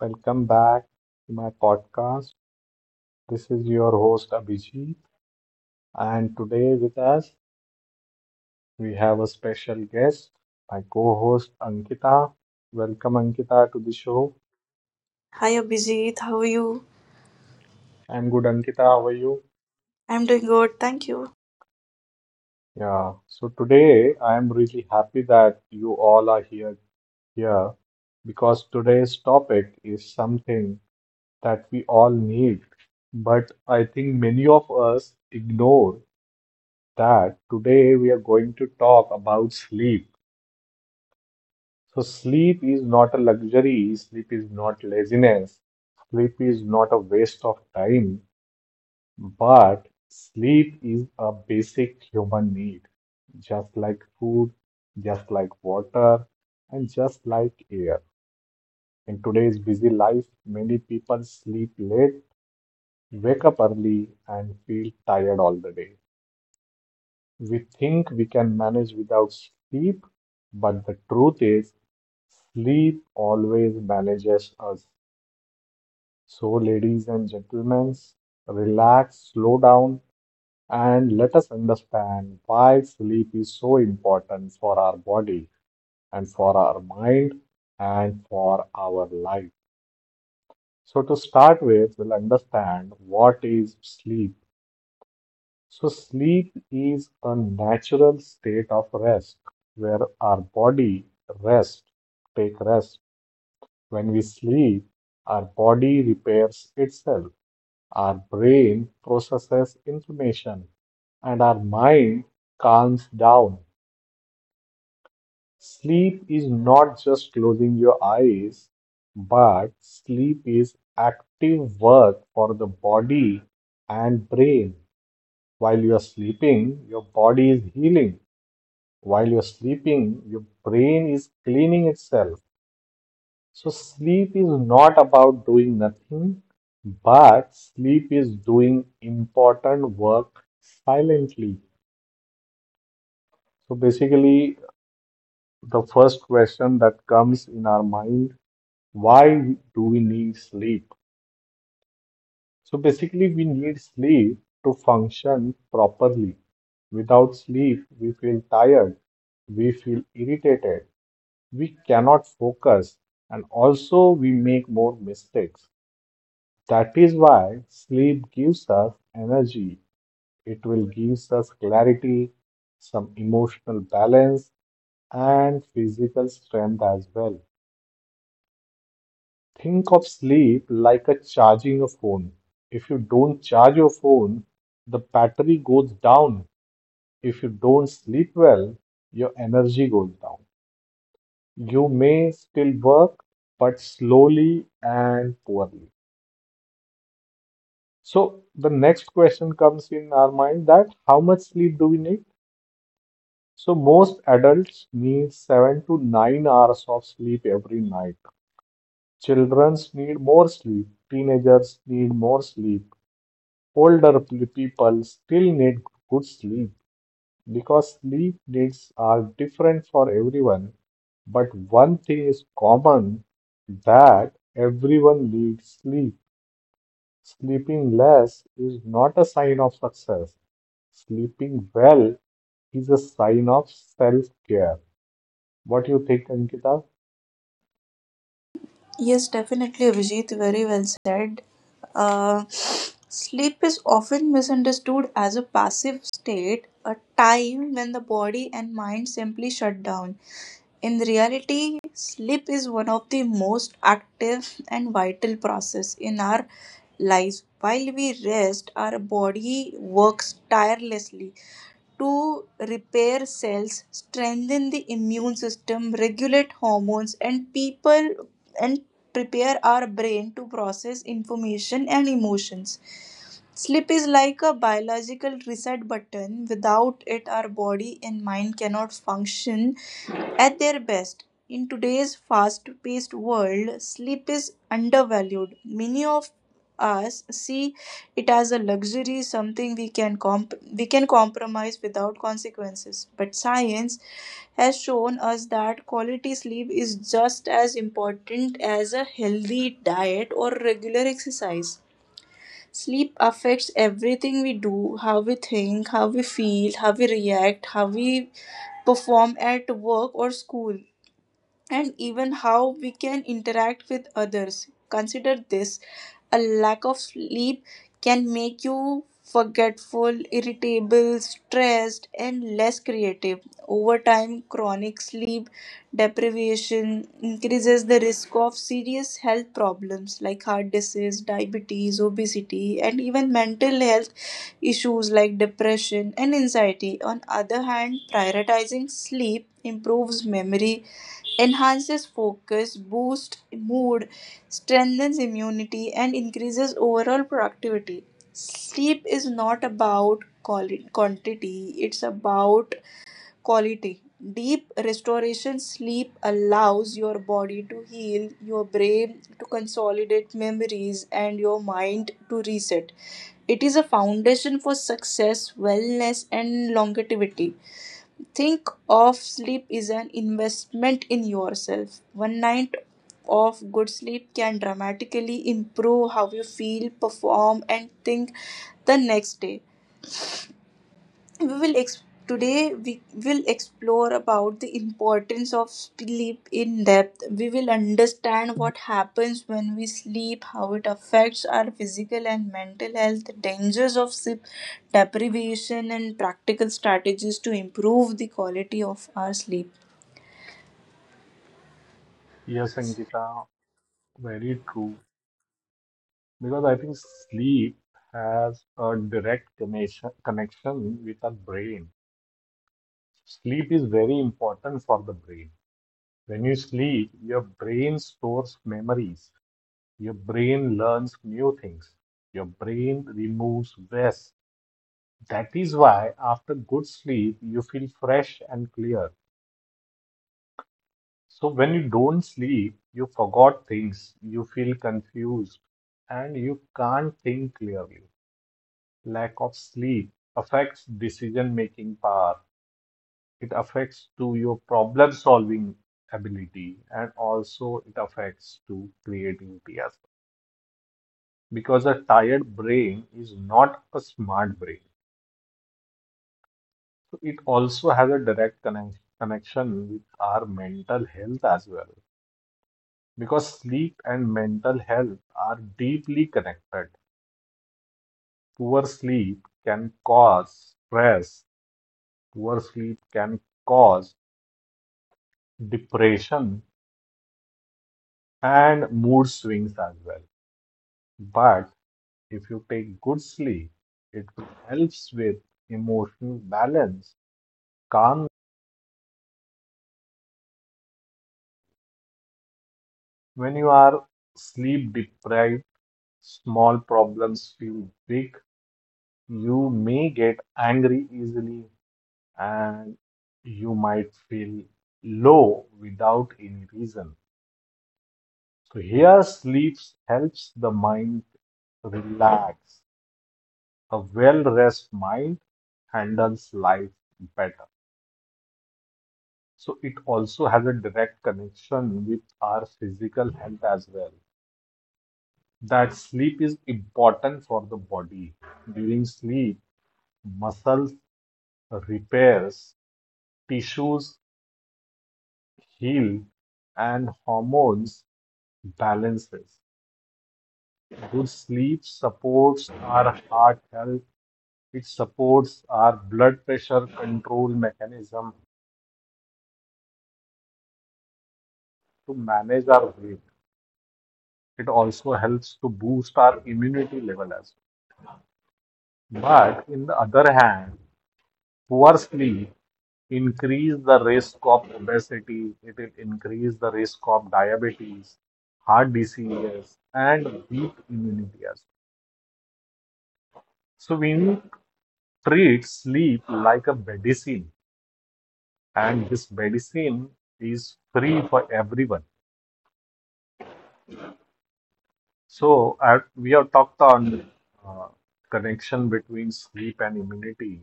Welcome back to my podcast. This is your host, Abhijit. And today with us, we have a special guest, my co host, Ankita. Welcome, Ankita, to the show. Hi Abhijit, how are you? I'm good, Ankita. How are you? I'm doing good, thank you. Yeah. So today, I am really happy that you all are here because today's topic is something that we all need, but I think many of us ignore that today we are going to talk about sleep. So, sleep is not a luxury, sleep is not laziness, sleep is not a waste of time, but sleep is a basic human need, just like food, just like water, and just like air. In today's busy life, many people sleep late, wake up early, and feel tired all the day. We think we can manage without sleep, but the truth is, sleep always manages us. So, ladies and gentlemen, relax, slow down, and let us understand why sleep is so important for our body and for our mind and for our life. So, to start with, we'll understand what is sleep. So, sleep is a natural state of rest where our body rest, take rest. When we sleep, our body repairs itself, our brain processes information, and our mind calms down. Sleep is not just closing your eyes, but sleep is active work for the body and brain. While you are sleeping, your body is healing. While you're sleeping, your brain is cleaning itself. So, sleep is not about doing nothing, but sleep is doing important work silently. So, basically, the first question that comes in our mind, why do we need sleep? So, basically, we need sleep to function properly. Without sleep, we feel tired, we feel irritated, we cannot focus, and also we make more mistakes. That is why sleep gives us energy. It will give us clarity, some emotional balance, and physical strength as well. Think of sleep like a charging a phone. If you don't charge your phone, the battery goes down. If you don't sleep well, your energy goes down. You may still work, but slowly and poorly. So the next question comes in our mind, that how much sleep do we need? So most adults need 7 to 9 hours of sleep every night. Children need more sleep. Teenagers need more sleep. Older people still need good sleep, because sleep needs are different for everyone. But one thing is common, that everyone needs sleep. Sleeping less is not a sign of success. Sleeping well is a sign of self-care. What do you think, Ankita? Yes, definitely, Abhijit. Very well said. Uh, sleep is often misunderstood as a passive state, a time when the body and mind simply shut down. In reality, sleep is one of the most active and vital process in our lives. While we rest, our body works tirelessly to repair cells, strengthen the immune system, regulate hormones, and people and prepare our brain to process information and emotions. Sleep is like a biological reset button. Without it, our body and mind cannot function at their best. In today's fast paced world, sleep is undervalued. Many of us see it as a luxury, something we can we can compromise without consequences. But science has shown us that quality sleep is just as important as a healthy diet or regular exercise. Sleep affects everything we do, how we think, how we feel, how we react, how we perform at work or school, and even how we can interact with others. Consider this, a lack of sleep can make you forgetful, irritable, stressed, and less creative. Over time, chronic sleep deprivation increases the risk of serious health problems like heart disease, diabetes, obesity, and even mental health issues like depression and anxiety. On other hand, prioritizing sleep improves memory, enhances focus, boosts mood, strengthens immunity, and increases overall productivity. Sleep is not about quantity, it's about quality. Deep restoration sleep allows your body to heal, your brain to consolidate memories, and your mind to reset. It is a foundation for success, wellness, and longevity. Think of sleep as an investment in yourself. One night of good sleep can dramatically improve how you feel, perform, and think the next day we will ex- today we will explore about the importance of sleep in depth. We will understand what happens when we sleep, how it affects our physical and mental health, the dangers of sleep deprivation, and practical strategies to improve the quality of our sleep. Yes, Ankita, very true. Because I think sleep has a direct connection with our brain. Sleep is very important for the brain. When you sleep, your brain stores memories. Your brain learns new things. Your brain removes waste. That is why after good sleep, you feel fresh and clear. So when you don't sleep, you forgot things, you feel confused, and you can't think clearly. Lack of sleep affects decision-making power. It affects to your problem-solving ability, and also it affects to creativity as well. Because a tired brain is not a smart brain. So it also has a direct connection with our mental health as well, because sleep and mental health are deeply connected. Poor sleep can cause stress, poor sleep can cause depression and mood swings as well. But if you take good sleep, it helps with emotional balance, calm. When you are sleep deprived, small problems feel big. You may get angry easily, and you might feel low without any reason. So here sleep helps the mind relax. A well-rest mind handles life better. So it also has a direct connection with our physical health as well. That sleep is important for the body. During sleep, muscles repairs, tissues heal, and hormones balances. Good sleep supports our heart health. It supports our blood pressure control mechanism to manage our weight. It also helps to boost our immunity level as well. But in the other hand, poor sleep increase the risk of obesity. It will increase the risk of diabetes, heart diseases, and weak immunity as well. So we need to treat sleep like a medicine, and this medicine is free for everyone. So we have talked on uh, connection between sleep and immunity.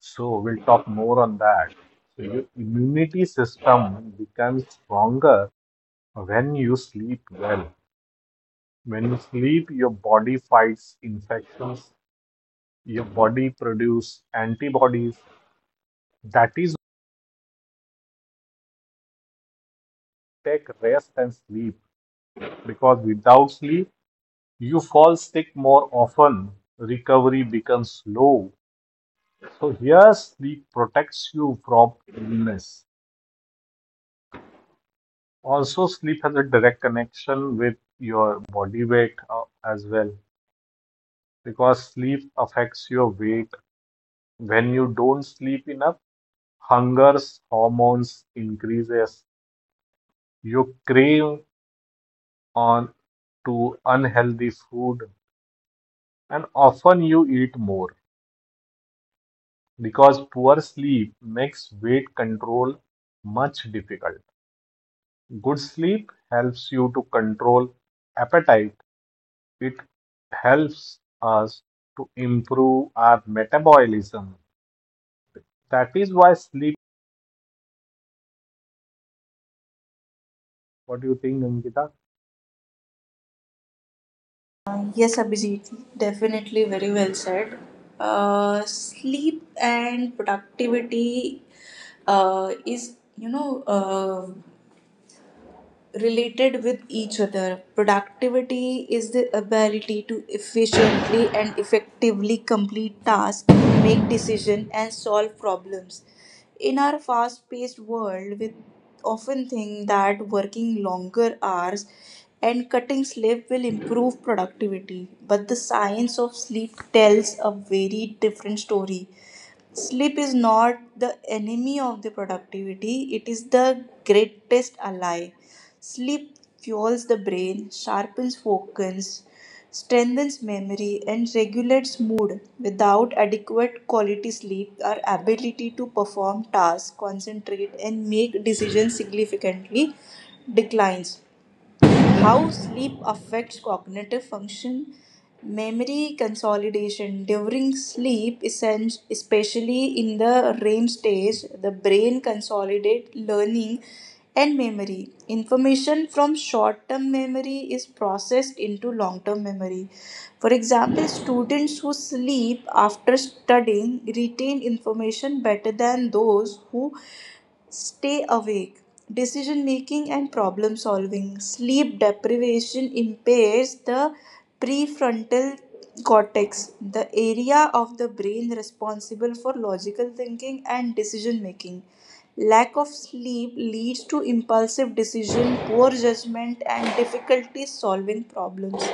So we'll talk more on that. So your immunity system becomes stronger when you sleep well. When you sleep, your body fights infections, your body produces antibodies. That is take rest and sleep, because without sleep you fall sick more often, recovery becomes slow. So here sleep protects you from illness. Also, sleep has a direct connection with your body weight as well, because sleep affects your weight. When you don't sleep enough, hunger hormones increases. You crave on to unhealthy food, and often you eat more, because poor sleep makes weight control much difficult. Good sleep helps you to control appetite. It helps us to improve our metabolism. That is why sleep. What do you think, Ankita? Yes, Abhijit, definitely very well said. Sleep and productivity uh, is, you know, uh, related with each other. Productivity is the ability to efficiently and effectively complete tasks, make decisions, and solve problems. In our fast paced world, we often think that working longer hours and cutting sleep will improve productivity, but the science of sleep tells a very different story. Sleep is not the enemy of the productivity, it is the greatest ally. Sleep fuels the brain, sharpens focus, strengthens memory, and regulates mood. Without adequate quality sleep, our ability to perform tasks, concentrate, and make decisions significantly declines. How sleep affects cognitive function: memory consolidation during sleep, especially in the REM stage, the brain consolidates learning and memory. Information from short term memory is processed into long term memory. For example, students who sleep after studying retain information better than those who stay awake. Decision making and problem solving. Sleep deprivation impairs the prefrontal cortex, the area of the brain responsible for logical thinking and decision making. Lack of sleep leads to impulsive decision, poor judgment, and difficulty solving problems.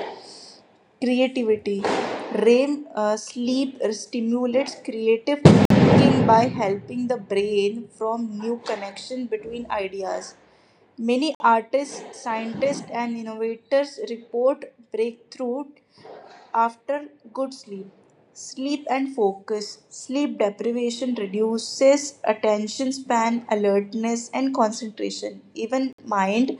Creativity: REM sleep stimulates creative thinking by helping the brain form new connection between ideas. Many artists, scientists, and innovators report breakthrough after good sleep. Sleep and focus: sleep deprivation reduces attention span, alertness, and concentration. Even mind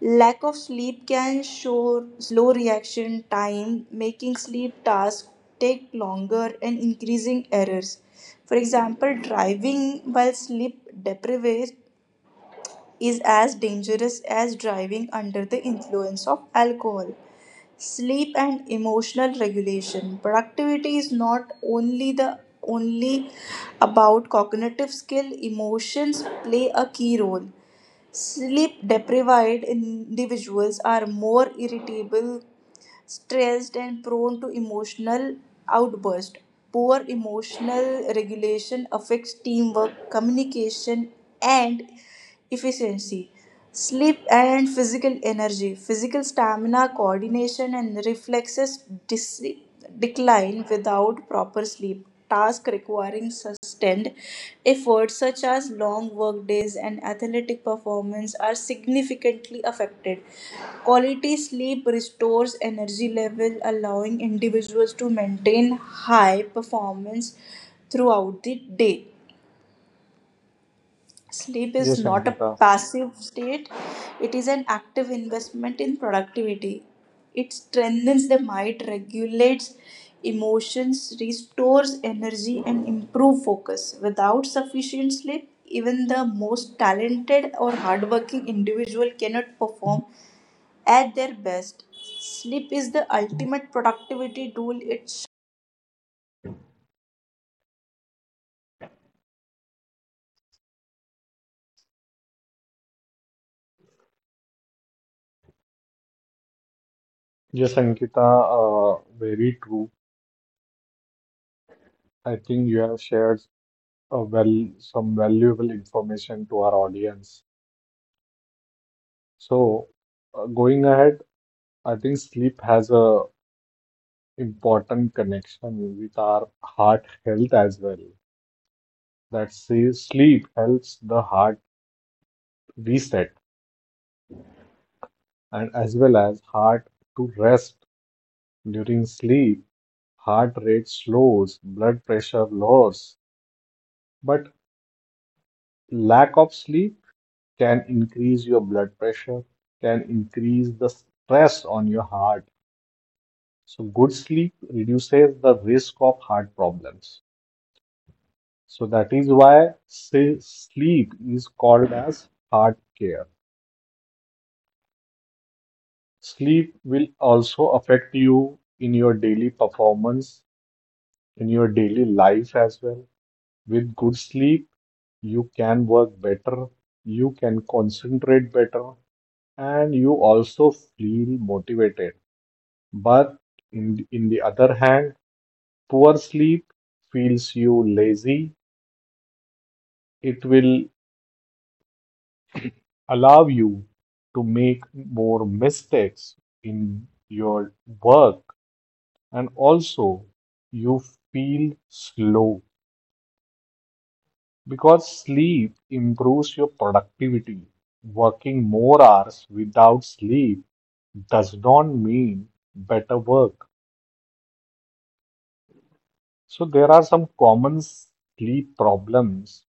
lack of sleep can show slow reaction time, making sleep tasks take longer and increasing errors. For example, driving while sleep deprived is as dangerous as driving under the influence of alcohol. Sleep and emotional regulation: productivity is not only the only about cognitive skill, emotions play a key role. Sleep deprived individuals are more irritable, stressed, and prone to emotional outburst. Poor emotional regulation affects teamwork, communication, and efficiency. Sleep and physical energy. Physical stamina, coordination, and reflexes decline without proper sleep. Tasks requiring sustained effort, such as long work days and athletic performance, are significantly affected. Quality sleep restores energy level, allowing individuals to maintain high performance throughout the day. Sleep is Yes, not a Ankita. passive state, it is an active investment in productivity. It strengthens the mind, regulates emotions, restores energy, and improves focus. Without sufficient sleep, even the most talented or hardworking individual cannot perform at their best. Sleep is the ultimate productivity tool. It Yes, Ankita, very true. I think you have shared well some valuable information to our audience. So, going ahead, I think sleep has a important connection with our heart health as well. That says sleep helps the heart reset, and as well as heart to rest during sleep. Heart rate slows, blood pressure lowers, but lack of sleep can increase your blood pressure, can increase the stress on your heart. So good sleep reduces the risk of heart problems. So that is why say sleep is called as heart care. Sleep will also affect you in your daily performance, in your daily life as well. With good sleep, you can work better, you can concentrate better, and you also feel motivated. But in the other hand, poor sleep feels you lazy. It will allow you to make more mistakes in your work, and also you feel slow, because sleep improves your productivity. Working more hours without sleep does not mean better work. So there are some common sleep problems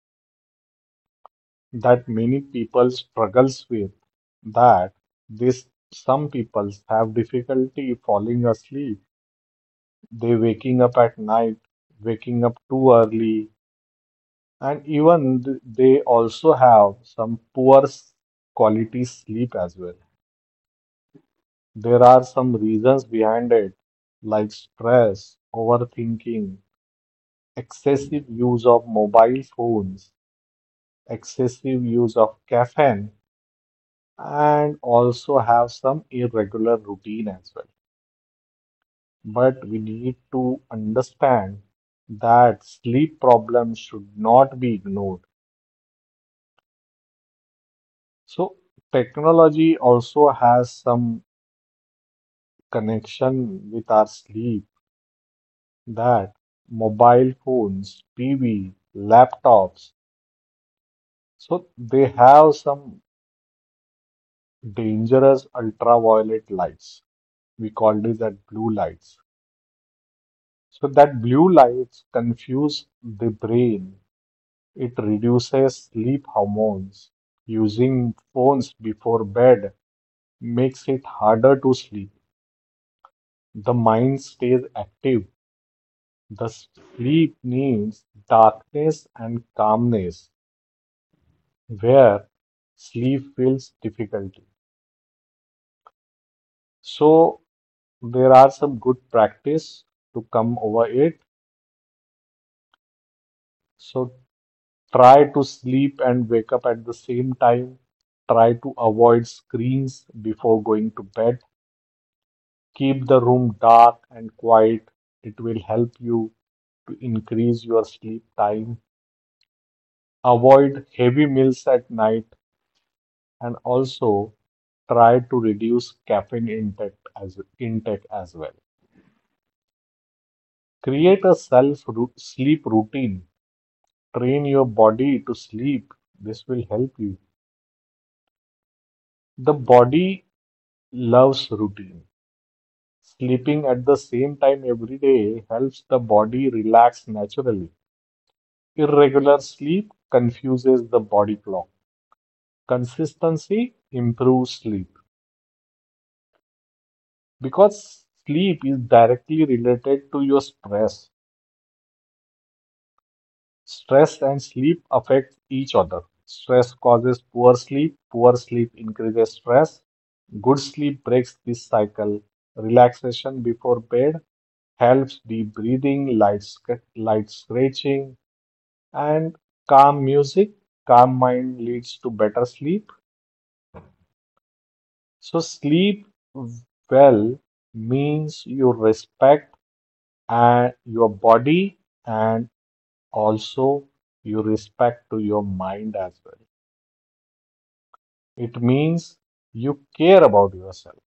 that many people struggles with, that this some people have difficulty falling asleep, they waking up at night, waking up too early, and even they also have some quality sleep as well. There are some reasons behind it, like stress, overthinking, excessive use of mobile phones, excessive use of caffeine, and also have some irregular routine as well. But we need to understand that sleep problems should not be ignored. So technology also has some connection with our sleep, that mobile phones, TV, laptops, so they have some dangerous ultraviolet lights. We call this that blue lights. So that blue lights confuse the brain. It reduces sleep hormones. Using phones before bed makes it harder to sleep. The mind stays active. The sleep needs darkness and calmness, where sleep feels difficulty. So there are some good practice to come over it. So try to sleep and wake up at the same time. Try to avoid screens before going to bed. Keep the room dark and quiet. It will help you to increase your sleep time. Avoid heavy meals at night, and also try to reduce caffeine intake as well. Create a sleep routine. Train your body to sleep. This will help you. The body loves routine. Sleeping at the same time every day helps the body relax naturally. Irregular sleep confuses the body clock. Consistency improves sleep, because sleep is directly related to your stress. Stress and sleep affect each other. Stress causes poor sleep increases stress. Good sleep breaks this cycle. Relaxation before bed helps deep breathing, light scratching, and calm music. Calm mind leads to better sleep. So, sleep well means you respect and your body, and also you respect to your mind as well. It means you care about yourself.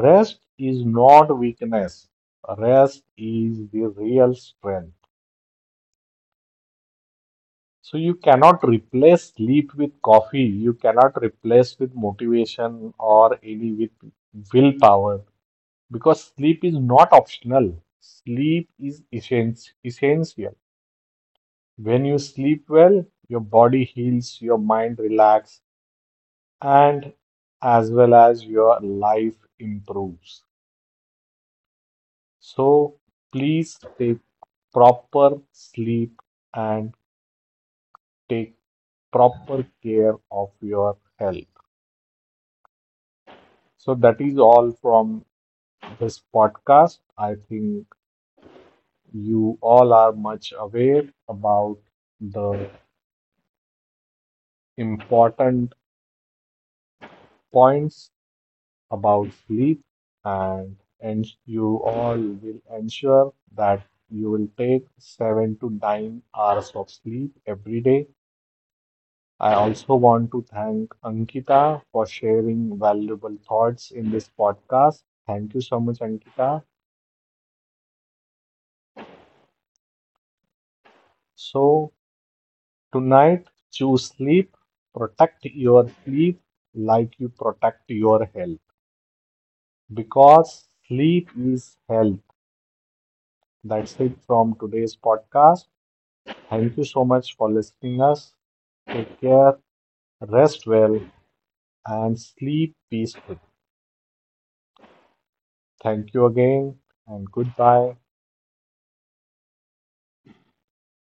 Rest is not weakness. Rest is the real strength. So you cannot replace sleep with coffee. You cannot replace with motivation or any with willpower, because sleep is not optional. Sleep is essential. When you sleep well, your body heals, your mind relaxes, and as well as your life improves. So please take proper sleep and take proper care of your health. So that is all from this podcast. I think you all are much aware about the important points about sleep, and and you all will ensure that you will take 7 to 9 hours of sleep every day. I also want to thank Ankita for sharing valuable thoughts in this podcast. Thank you so much, Ankita. So, tonight, choose sleep, protect your sleep like you protect your health, because sleep is health. That's it from today's podcast. Thank you so much for listening us. Take care, rest well, and sleep peacefully. Thank you again, and goodbye.